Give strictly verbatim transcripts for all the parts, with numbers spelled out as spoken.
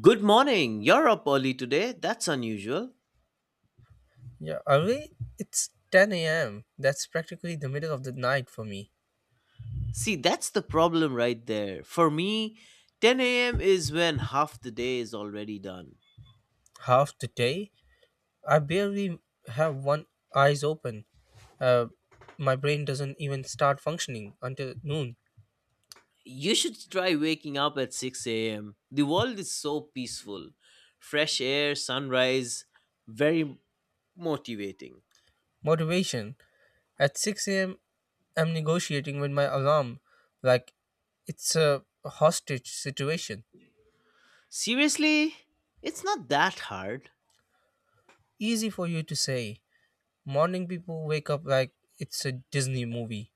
Good morning. You're up early today. That's unusual. Yeah, early? It's ten a m. That's practically the middle of the night for me. See, that's the problem right there. For me, ten a m is when half the day is already done. Half the day? I barely have one eyes open. Uh, my brain doesn't even start functioning until noon. You should try waking up at six a m. The world is so peaceful. Fresh air, sunrise, very motivating. Motivation. At six a m, I'm negotiating with my alarm like it's a hostage situation. Seriously, it's not that hard. Easy for you to say. Morning people wake up like it's a Disney movie.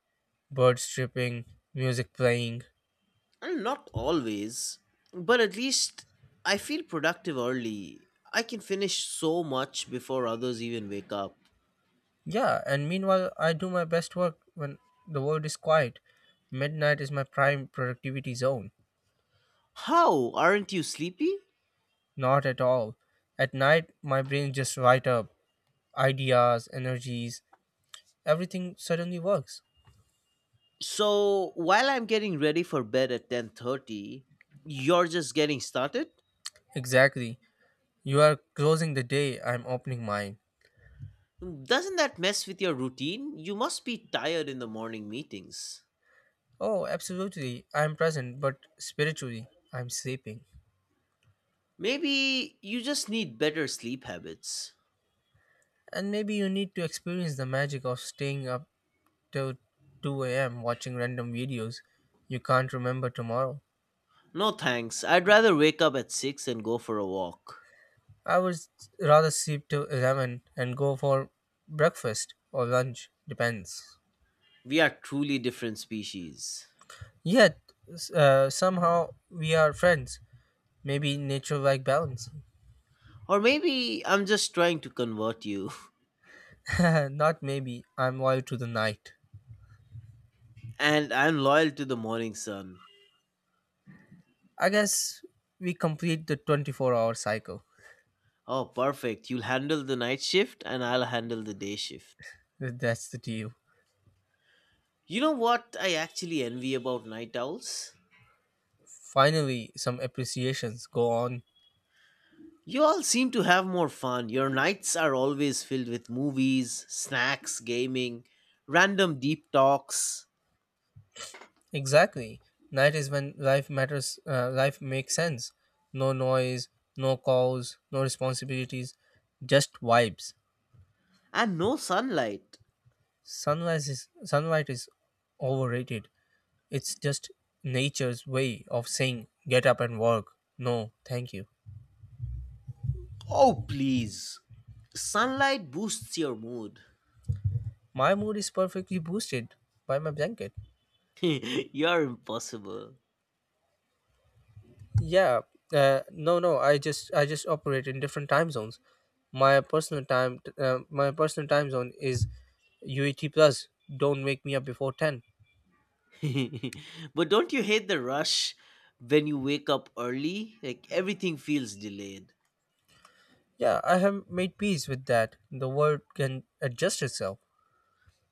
Birds chirping, music playing. And not always, but at least I feel productive early. I can finish so much before others even wake up. Yeah, and meanwhile, I do my best work when the world is quiet. Midnight is my prime productivity zone. How? Aren't you sleepy? Not at all. At night, my brain just light up. Ideas, energies, everything suddenly works. So, while I'm getting ready for bed at ten thirty, you're just getting started? Exactly. You are closing the day, I'm opening mine. Doesn't that mess with your routine? You must be tired in the morning meetings. Oh, absolutely. I'm present, but spiritually, I'm sleeping. Maybe you just need better sleep habits. And maybe you need to experience the magic of staying up till two a m watching random videos you can't remember tomorrow. No thanks. I'd rather wake up at six and go for a walk. I would rather sleep till eleven and go for breakfast or lunch, depends. We are truly different species. Yet, s- uh, somehow we are friends. Maybe nature like balance. Or maybe I'm just trying to convert you. Not maybe, I'm loyal to the night. And I'm loyal to the morning sun. I guess we complete the twenty four hour cycle. Oh, perfect. You'll handle the night shift and I'll handle the day shift. That's the deal. You know what I actually envy about night owls? Finally, some appreciations go on. You all seem to have more fun. Your nights are always filled with movies, snacks, gaming, random deep talks, Exactly. Night is when life matters, uh, life makes sense. No noise, no calls, no responsibilities, just vibes. and no sunlight. Sunlight is sunlight is overrated. It's just nature's way of saying get up and work. No, thank you. Oh, please. Sunlight boosts your mood. My mood is perfectly boosted by my blanket. You're impossible. Yeah, uh, no, no. I just I just operate in different time zones. My personal time uh, my personal time zone is U E T plus. Don't wake me up before ten. But don't you hate the rush when you wake up early? Like everything feels delayed. Yeah, I have made peace with that. The world can adjust itself.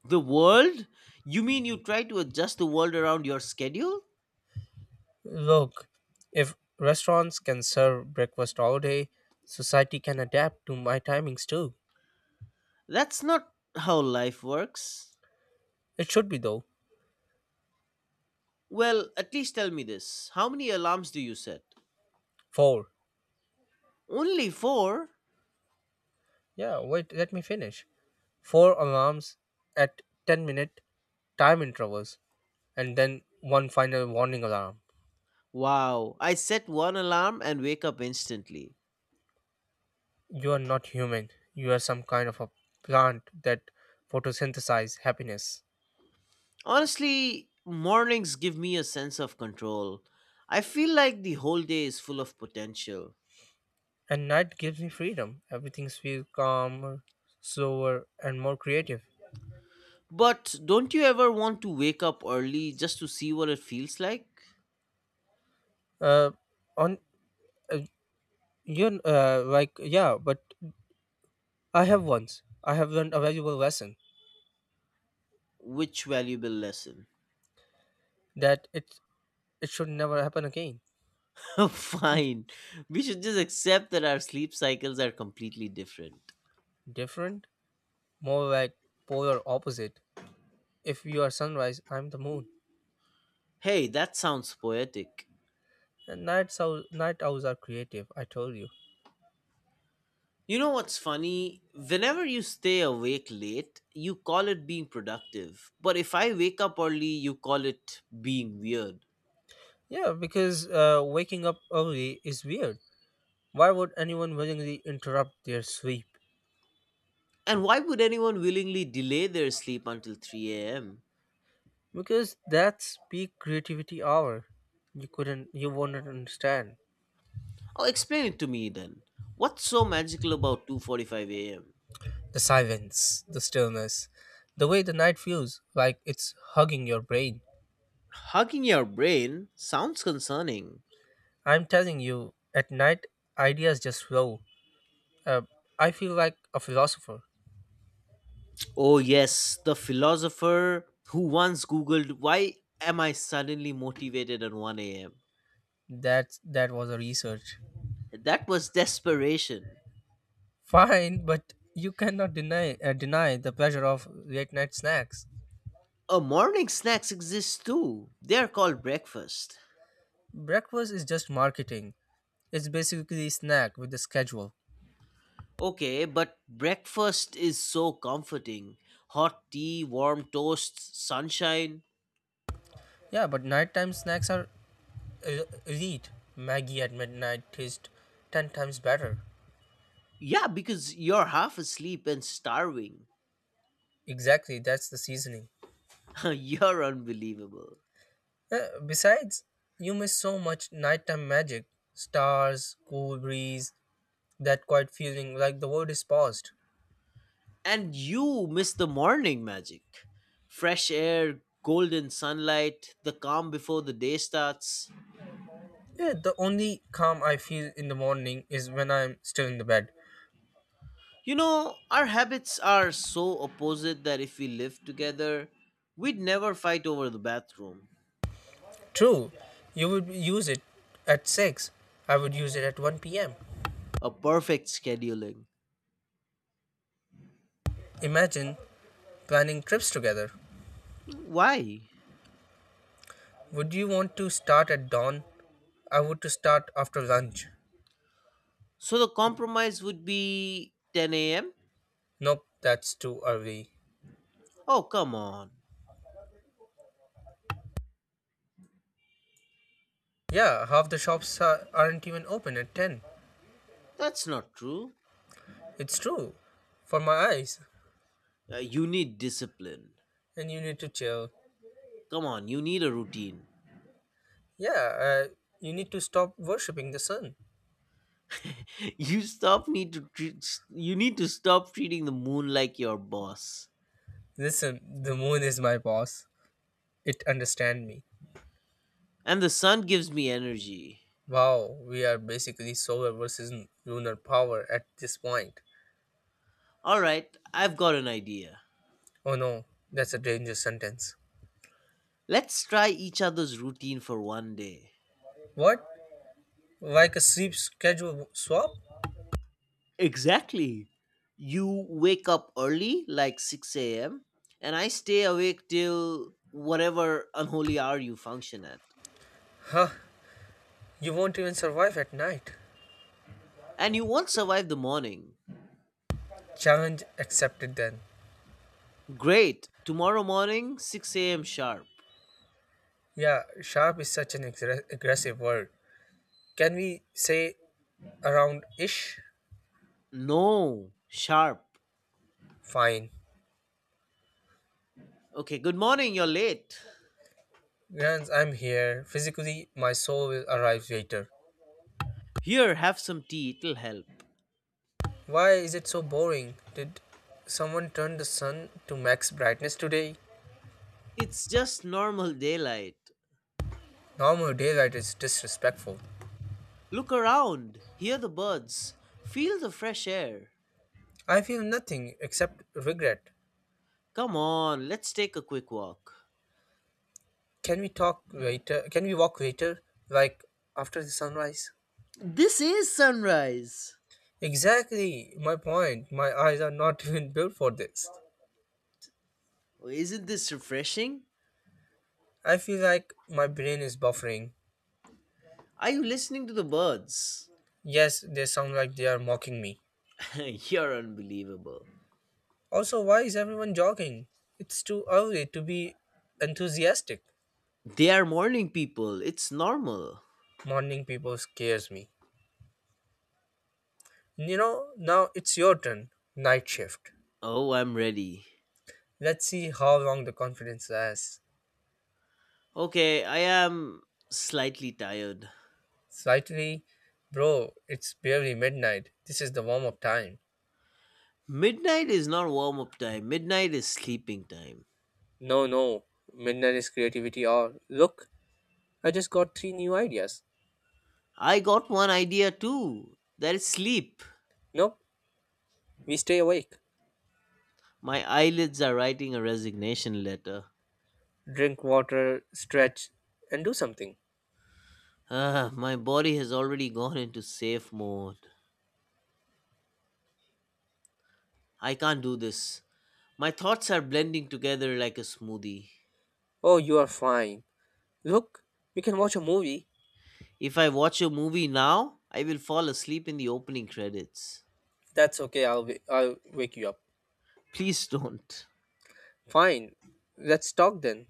The world? You mean you try to adjust the world around your schedule? Look, if restaurants can serve breakfast all day, society can adapt to my timings too. That's not how life works. It should be though. Well, at least tell me this. How many alarms do you set? Four. Only four? Yeah, wait, let me finish. Four alarms at ten minute time intervals, and then one final warning alarm. Wow, I set one alarm and wake up instantly. You are not human. You are some kind of a plant that photosynthesizes happiness. Honestly, mornings give me a sense of control. I feel like the whole day is full of potential. And night gives me freedom. Everything feels calmer, slower, and more creative. But don't you ever want to wake up early just to see what it feels like? Uh, on uh, you uh, like yeah, but i have once i have learned a valuable lesson Which valuable lesson? that it it should never happen again. Hmm. Fine. We should just accept that our sleep cycles are completely different. Different, more like polar opposite. If you are sunrise, I'm the moon. Hey, that sounds poetic. And nights hours, night owls are creative, I told you. You know what's funny? Whenever you stay awake late, you call it being productive. But if I wake up early, you call it being weird. Yeah, because uh, waking up early is weird. Why would anyone willingly interrupt their sleep? And why would anyone willingly delay their sleep until three a m? Because that's peak creativity hour. You couldn't you wouldn't understand. Oh, explain it to me then. What's so magical about two forty-five a m? The silence, the stillness, the way the night feels like it's hugging your brain. Hugging your brain sounds concerning. I'm telling you, at night, ideas just flow. Uh, I feel like a philosopher. Oh, yes, the philosopher who once Googled, "Why am I suddenly motivated at one a m?" That that was a research. That was desperation. Fine, but you cannot deny uh, deny the pleasure of late night snacks. Uh, morning snacks exist too. They are called breakfast. Breakfast is just marketing. It's basically snack with a schedule. Okay, but breakfast is so comforting. Hot tea, warm toasts, sunshine. Yeah, but nighttime snacks are el- elite. Maggie at midnight tastes ten times better. Yeah, because you're half asleep and starving. Exactly, that's the seasoning. You're unbelievable. Uh, besides, you miss so much nighttime magic, stars, cool breeze, that quiet feeling like the world is paused. And you miss the morning magic. Fresh air, golden sunlight, the calm before the day starts. Yeah, the only calm I feel in the morning is when I'm still in the bed. You know, our habits are so opposite that if we lived together, we'd never fight over the bathroom. True, you would use it at six, I would use it at one p m. A perfect scheduling. Imagine planning trips together. Why? Would you want to start at dawn? I would to start after lunch. So the compromise would be ten a m? Nope, that's too early. Oh, come on. Yeah, half the shops are, aren't even open at ten. That's not true. It's true for my eyes, Uh, you need discipline. and you need to chill. Come on, you need a routine. Yeah, uh, you need to stop worshipping the sun. You stop need to treat, you need to stop treating the moon like your boss. Listen, the moon is my boss. It understand me. And the sun gives me energy. Wow, we are basically solar versus lunar power at this point. All right, I've got an idea. Oh no, that's a dangerous sentence. Let's try each other's routine for one day. What? Like a sleep schedule swap? Exactly. You wake up early, like six a m, and I stay awake till whatever unholy hour you function at. Huh, you won't even survive at night. And you won't survive the morning. Challenge accepted then. Great. Tomorrow morning, six a m sharp. Yeah, sharp is such an aggra- aggressive word. Can we say around ish? No, sharp. Fine. Okay, good morning, you're late. Rans, I'm here. Physically, my soul will arrive later. Here, have some tea, it'll help. Why is it so boring? Did someone turn the sun to max brightness today? It's just normal daylight. Normal daylight is disrespectful. Look around, hear the birds, feel the fresh air. I feel nothing except regret. Come on, let's take a quick walk. Can we talk later? Can we walk later? Like after the sunrise? This is sunrise. Exactly my point. My eyes are not even built for this. Oh, isn't this refreshing? I feel like my brain is buffering. Are you listening to the birds? Yes, they sound like they are mocking me. You're unbelievable. Also, why is everyone jogging? It's too early to be enthusiastic. They are morning people, it's normal. Morning people scares me. You know, now it's your turn. Night shift. Oh, I'm ready. Let's see how long the confidence lasts. Okay, I am slightly tired. Slightly, bro, it's barely midnight. This is the warm up time. Midnight is not warm up time, midnight is sleeping time. No, no, midnight is creativity hour. Look, I just got three new ideas. I got one idea too. That's sleep. Nope, we stay awake. My eyelids are writing a resignation letter. Drink water, stretch, and do something. Ah, my body has already gone into safe mode. I can't do this. My thoughts are blending together like a smoothie. Oh, you are fine. Look, we can watch a movie. If I watch a movie now, I will fall asleep in the opening credits. That's okay. I'll i I'll wake you up. Please don't. Fine. Let's talk then.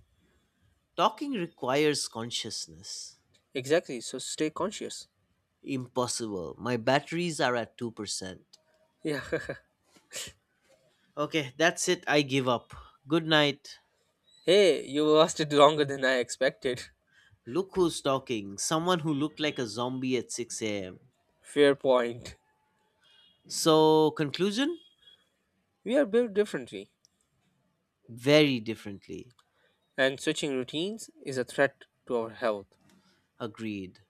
Talking requires consciousness. Exactly. So stay conscious. Impossible. My batteries are at two percent. Yeah. Okay, that's it. I give up. Good night. Hey, you lasted longer than I expected. Look who's talking. Someone who looked like a zombie at six a m. Fair point. So, conclusion? We are built differently, Very differently. and switching routines is a threat to our health. Agreed.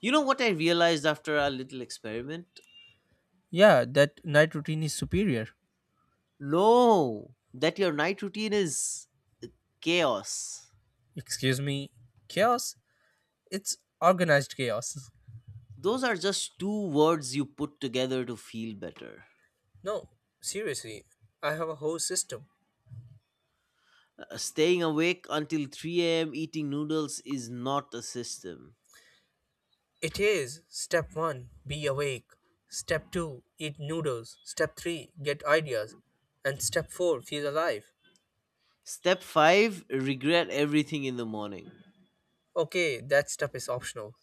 You know what I realized after our little experiment? Yeah, that night routine is superior. No, that your night routine is chaos. Excuse me. Chaos? It's organized chaos. Those are just two words you put together to feel better. No, seriously. I have a whole system. Uh, staying awake until three a m eating noodles is not a system. It is step one be awake, step two eat noodles, step three get ideas, and step four feel alive. Step five regret everything in the morning. Okay, that step is optional.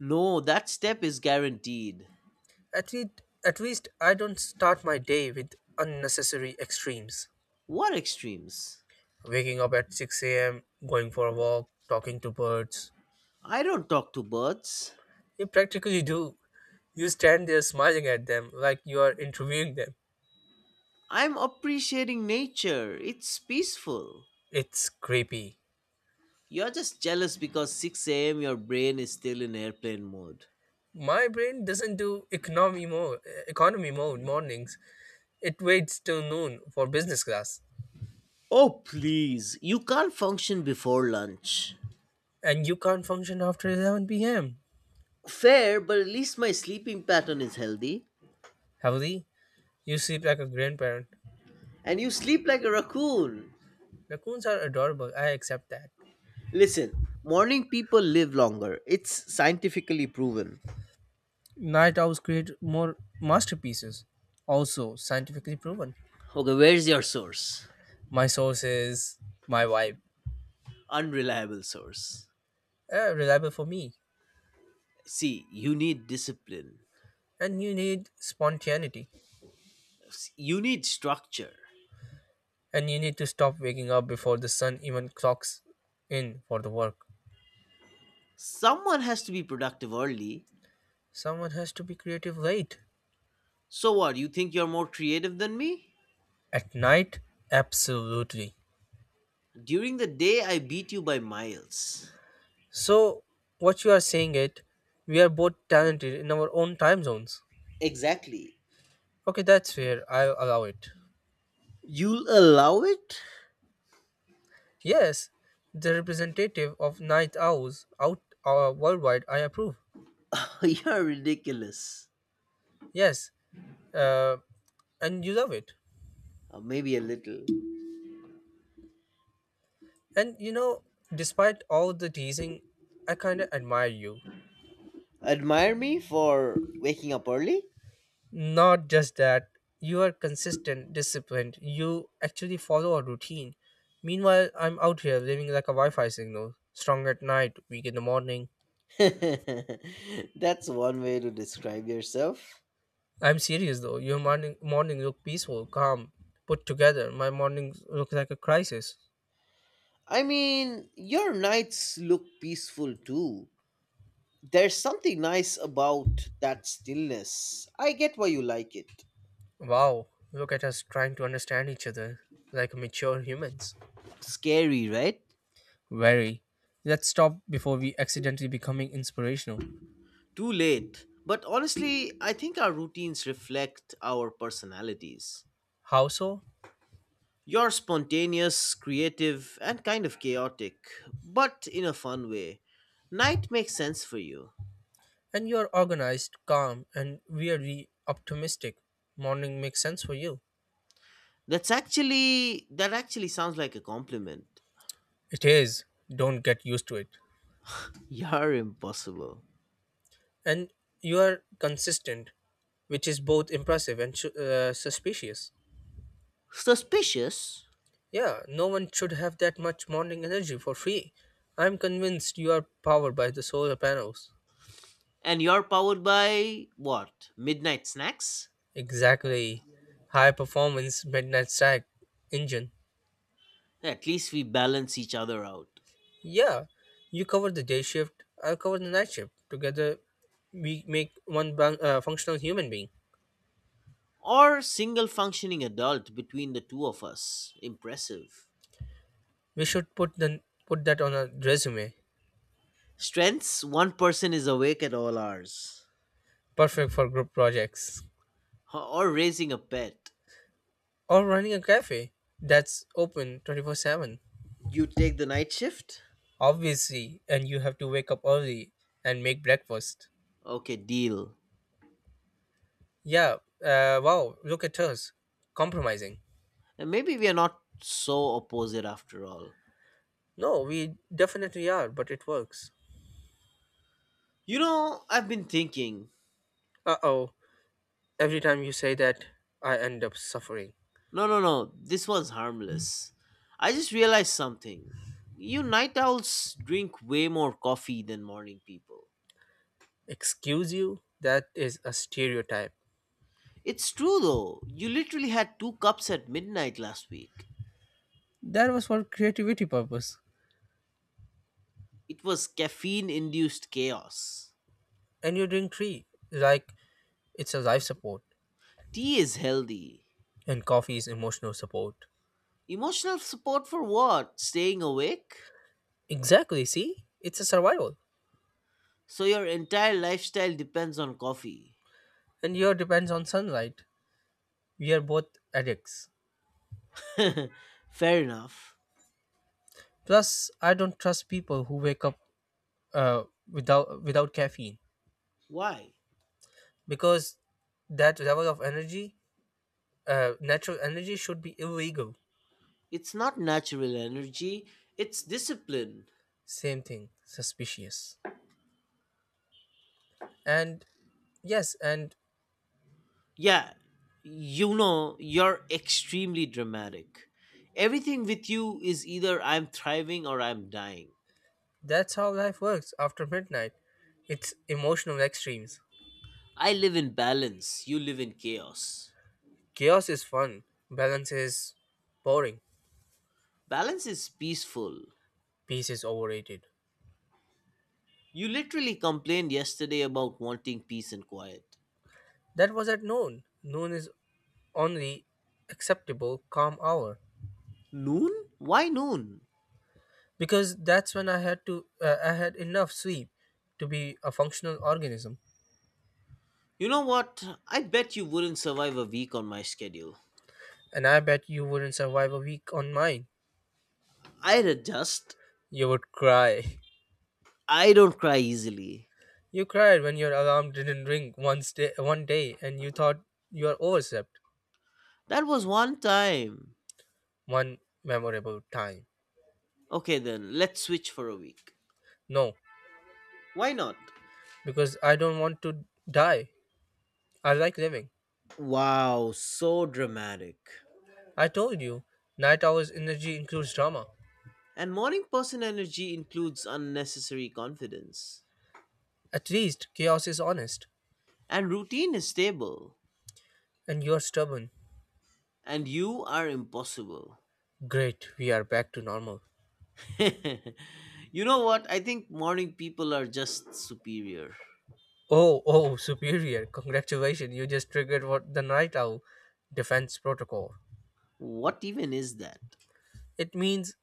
No, that step is guaranteed. At least, at least I don't start my day with unnecessary extremes. What extremes? Waking up at six a m, going for a walk, talking to birds. I don't talk to birds. You practically do. You stand there smiling at them like you are interviewing them. I'm appreciating nature. It's peaceful. It's creepy. You're just jealous because six a m your brain is still in airplane mode. My brain doesn't do economy mode, economy mode mornings. It waits till noon for business class, Oh, please. You can't function before lunch. and you can't function after eleven p m. Fair, but at least my sleeping pattern is healthy. Heavily, you sleep like a grandparent. And you sleep like a raccoon. Raccoons are adorable, I accept that. Listen, morning people live longer. It's scientifically proven. Night owls create more masterpieces, also scientifically proven. Okay, where's your source? My source is my vibe, Unreliable source. uh, reliable for me. See, you need discipline. And you need spontaneity, You need structure. and you need to stop waking up before the sun even clocks in for the work. Someone has to be productive early. Someone has to be creative late. So what, you think you're more creative than me? At night, absolutely. During the day, I beat you by miles. So what you are saying it, we are both talented in our own time zones. Exactly. Okay, that's fair. I'll allow it. You'll allow it? Yes, the representative of night owls out uh, worldwide. I approve. You're ridiculous. Yes, uh, and you love it. Uh, maybe a little. And you know, despite all the teasing, I kind of admire you. Admire me for waking up early? Not just that, you are consistent, disciplined. You actually follow a routine. Meanwhile, I'm out here living like a Wi-Fi signal. Strong at night, weak in the morning. That's one way to describe yourself. I'm serious though. Your morning morning look peaceful, calm, put together. My mornings look like a crisis. I mean, your nights look peaceful too. There's something nice about that stillness. I get why you like it. Wow, look at us trying to understand each other like mature humans. Scary, right? Very. Let's stop before we accidentally becoming inspirational. Too late. But honestly, I think our routines reflect our personalities. How so? You're spontaneous, creative, and kind of chaotic, but in a fun way. Night makes sense for you. And you're organized, calm, and weirdly optimistic. Morning makes sense for you. That's actually that actually sounds like a compliment. It is. Don't get used to it. You're impossible. And you are consistent, which is both impressive and su- uh, suspicious. Suspicious? Yeah, no one should have that much morning energy for free. I'm convinced you are powered by the solar panels. And you're powered by what? Midnight snacks? Exactly. High performance midnight stack engine. At least we balance each other out. Yeah, you cover the day shift, I'll cover the night shift. Together, we make one bun- uh, functional human being. Or single functioning adult between the two of us. Impressive. We should put the put that on a resume. Strengths one person is awake at all hours. Perfect for group projects Or raising a pet. or running a cafe that's open twenty four seven. You take the night shift? Obviously, and you have to wake up early and make breakfast. Okay, deal. Yeah, uh, wow, look at us. Compromising. And maybe we are not so opposite after all. No, we definitely are, but it works. You know, I've been thinking. Uh oh, every time you say that, I end up suffering. No, no, no, this one's harmless. I just realized something. You night owls drink way more coffee than morning people. Excuse you? That is a stereotype. It's true though. You literally had two cups at midnight last week. That was for creativity purpose. It was caffeine induced chaos. And you drink tea, like it's a life support, Tea is healthy. and coffee is emotional support. Emotional support for what? Staying awake? Exactly, see? It's a survival. So your entire lifestyle depends on coffee. And your depends on sunlight. We are both addicts. Fair enough. Plus, I don't trust people who wake up uh, without without caffeine. Why? Because that level of energy, uh, natural energy should be illegal. It's not natural energy, it's discipline. Same thing. Suspicious. And yes, and. Yeah, you know, you're extremely dramatic. Everything with you is either I'm thriving or I'm dying. That's how life works after midnight. It's emotional extremes. I live in balance, you live in chaos. Chaos is fun. Balance is boring. Balance is peaceful. Peace is overrated. You literally complained yesterday about wanting peace and quiet. That was at noon. Noon is only acceptable calm hour. Noon? Why noon? Because that's when i had to uh, i had enough sleep to be a functional organism. You know what? I bet you wouldn't survive a week on my schedule. And I bet you wouldn't survive a week on mine. I'd adjust. You would cry. I don't cry easily. You cried when your alarm didn't ring one, day, one day and you thought you are overslept. That was one time. One memorable time. Okay then, let's switch for a week. No, Why not? because I don't want to die. I like living. Wow, so dramatic. I told you, night hours energy includes drama. And morning person energy includes unnecessary confidence. At least chaos is honest. And routine is stable. And you're stubborn. and you are impossible. Great, we are back to normal. You know what? I think morning people are just superior. Oh, oh, superior. Congratulations, you just triggered what the night owl defense protocol. What even is that? It means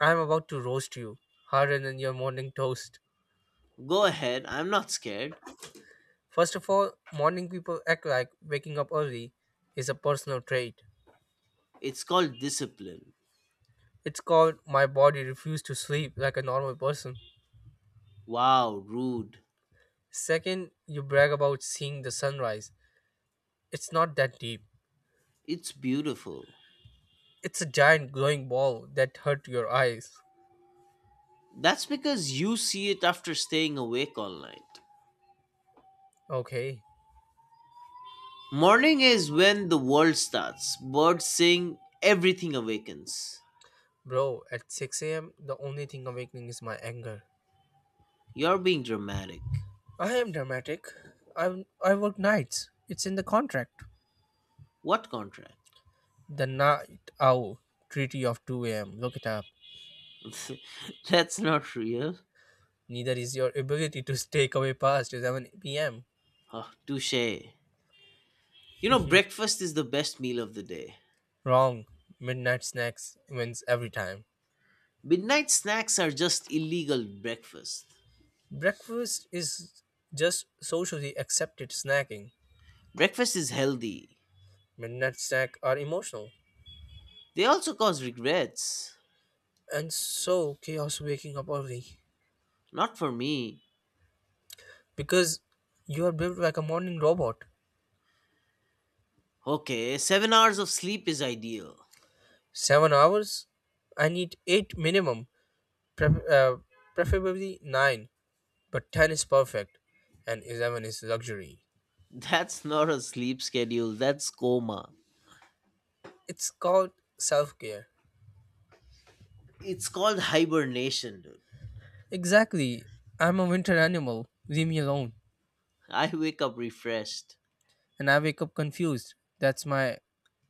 I'm about to roast you harder than your morning toast. Go ahead, I'm not scared. First of all, morning people act like waking up early is a personal trait. It's called discipline. It's called my body refused to sleep like a normal person. Wow, rude. Second, you brag about seeing the sunrise. It's not that deep. It's beautiful. It's a giant glowing ball that hurt your eyes. That's because you see it after staying awake all night. Okay, Morning is when the world starts. Birds sing, everything awakens. bro, at six a m, the only thing awakening is my anger. You're being dramatic. I am dramatic. I I work nights. It's in the contract. What contract? The night owl treaty of two a m. Look it up. That's not real. Neither is your ability to stay away past seven p m. Oh, touche. You know, breakfast is the best meal of the day. Wrong. Midnight snacks wins every time. Midnight snacks are just illegal breakfast. Breakfast is just socially accepted snacking. Breakfast is healthy. Midnight snack are emotional. They also cause regrets. And so chaos waking up early. Not for me. Because you are built like a morning robot. Okay, seven hours of sleep is ideal. Seven hours? I need eight minimum. Pref- uh, preferably nine. But ten is perfect and eleven is luxury. That's not a sleep schedule, that's coma. It's called self care. It's called hibernation, dude. Exactly. I'm a winter animal. Leave me alone. I wake up refreshed. And I wake up confused. That's my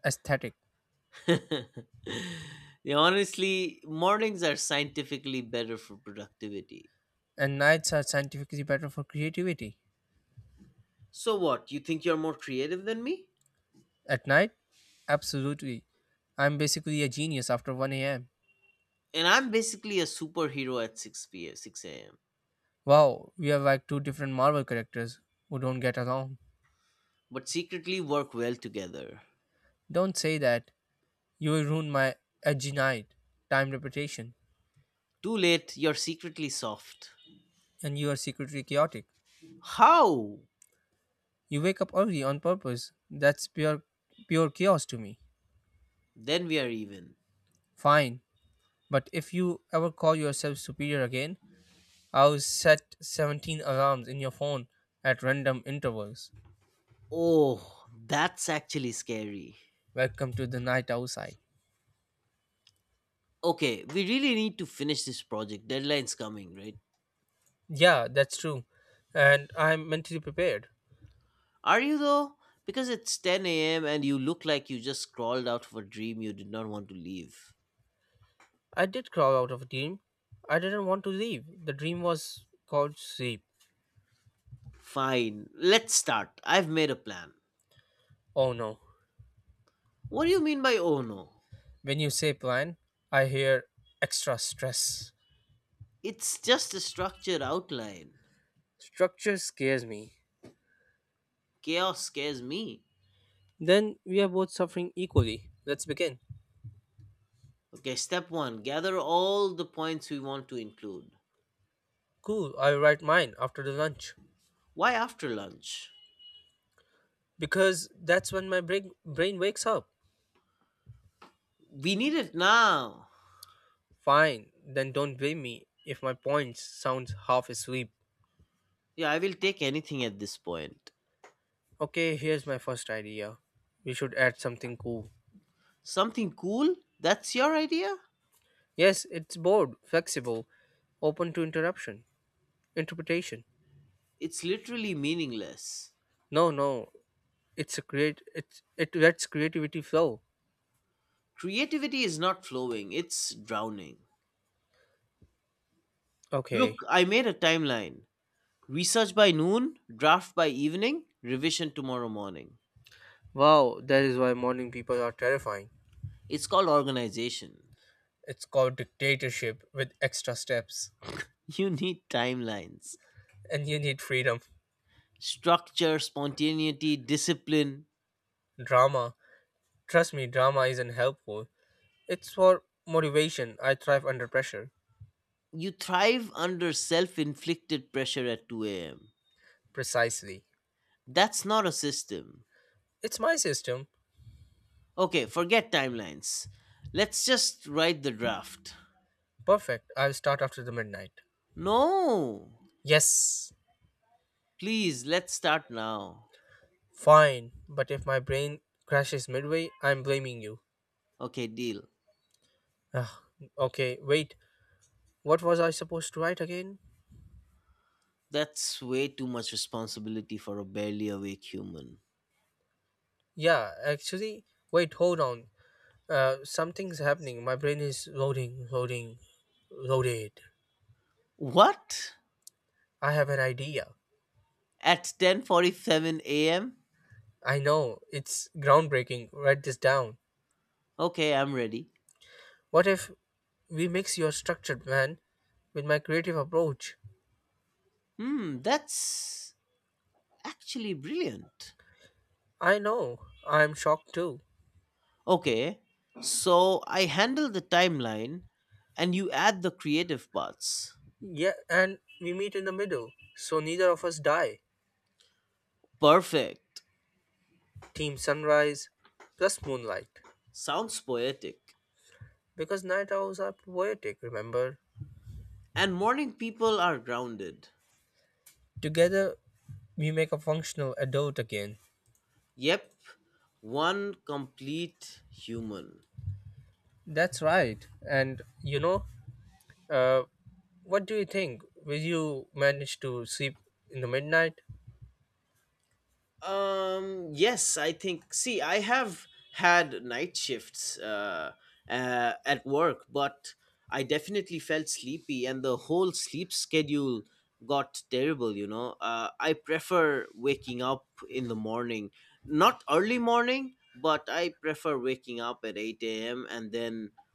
aesthetic. Yeah, honestly, mornings are scientifically better for productivity. And nights are scientifically better for creativity. So what? You think you're more creative than me? At night? Absolutely. I'm basically a genius after one a m. And I'm basically a superhero at six p m six a m. Wow, we are like two different Marvel characters who don't get along. But secretly work well together. Don't say that. You will ruin my edgy night, time reputation, Too late, you're secretly soft. and you are secretly chaotic. How? You wake up early on purpose. That's pure pure chaos to me. Then we are even. Fine. But if you ever call yourself superior again, I'll set seventeen alarms in your phone at random intervals. Oh, that's actually scary. Welcome to the night outside. Okay, we really need to finish this project. Deadline's coming, right? Yeah, that's true. And I'm mentally prepared. Are you though? Because it's ten a m and you look like you just crawled out of a dream you did not want to leave. I did crawl out of a dream. I didn't want to leave. The dream was called sleep. Fine, let's start. I've made a plan. Oh no. What do you mean by "oh no"? When you say plan, I hear extra stress. It's just a structured outline. Structure scares me. Chaos scares me. Then we are both suffering equally. Let's begin. Okay, step one, gather all the points we want to include. Cool, I'll write mine after the lunch. Why after lunch? Because that's when my brain, brain wakes up. We need it now. Fine, then don't blame me if my points sound half asleep. Yeah, I will take anything at this point. Okay, here's my first idea. We should add something cool. Something cool? That's your idea? Yes, it's bold, flexible, open to interruption, interpretation. It's literally meaningless. No, no, it's a create. It's it lets creativity flow. Creativity is not flowing, it's drowning. Okay. Look, I made a timeline. Research by noon, draft by evening, revision tomorrow morning. Wow, that is why morning people are terrifying. It's called organization. It's called dictatorship with extra steps. You need timelines. And you need freedom. Structure, spontaneity, discipline. Drama. Trust me, drama isn't helpful. It's for motivation. I thrive under pressure. You thrive under self inflicted pressure at two a m. Precisely. That's not a system. It's my system. Okay, forget timelines. Let's just write the draft. Perfect. I'll start after the midnight. No! Yes, Please, let's start now. fine. But if my brain crashes midway, I'm blaming you. Okay, deal. Ah. Okay, wait. What was I supposed to write again? That's way too much responsibility for a barely awake human. Yeah, actually, wait, hold on. Uh, something's happening. My brain is loading, loading, loaded. What? I have an idea. At ten forty-seven a m? I know it's groundbreaking. Write this down. Okay, I'm ready. What if we mix your structured plan with my creative approach? Hmm, that's actually brilliant. I know. I'm shocked too. Okay, so I handle the timeline and you add the creative parts. Yeah, and we meet in the middle, so neither of us die. Perfect. Team sunrise plus moonlight. Sounds poetic. Because night owls are poetic, remember? And morning people are grounded. Together, we make a functional adult again. Yep, one complete human. That's right. And you know, Uh, what do you think? Will you manage to sleep in the midnight? Um, yes, I think. See, I have had night shifts uh, uh, at work, but I definitely felt sleepy, and the whole sleep schedule got terrible, you know. Uh, I prefer waking up in the morning, not early morning, but I prefer waking up at eight a m and then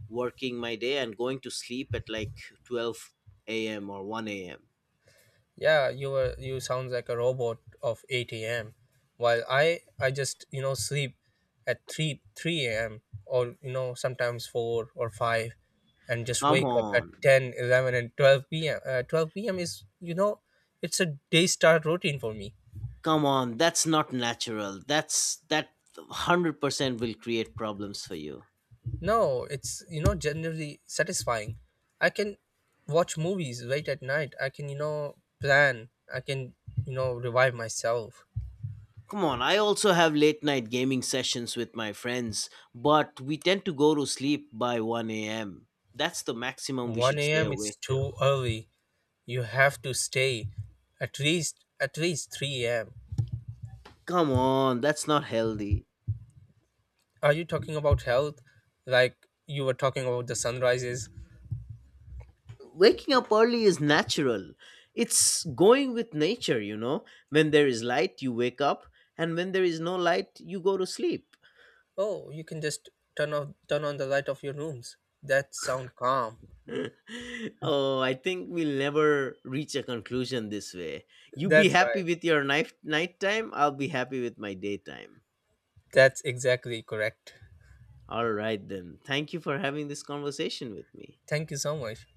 working my day and going to sleep at like twelve a m or one a m. Yeah, you were you sounds like a robot of eight a m. While I I just you know sleep at three three a m or you know sometimes four or five and just Come wake up at on. ten, eleven, and twelve p m. Uh, twelve p m is you know it's a day start routine for me. Come on, that's not natural. That's that one hundred percent will create problems for you. No, it's you know generally satisfying. I can watch movies late at night. I can you know plan. I can you know revive myself. Come on, I also have late night gaming sessions with my friends, but we tend to go to sleep by one a m. That's the maximum we should 1 stay a.m. It's awake till. too early. You have to stay at least at least three a m. Come on, that's not healthy. Are you talking about health? Like you were talking about the sunrises. Waking up early is natural. It's going with nature, you know. When there is light, you wake up, and when there is no light, you go to sleep. Oh, you can just turn off turn on the light of your rooms. That sound calm. Oh, I think we'll never reach a conclusion this way. You be That's happy right. with your night nighttime, I'll be happy with my daytime. That's exactly correct. All right then. Thank you for having this conversation with me. Thank you so much.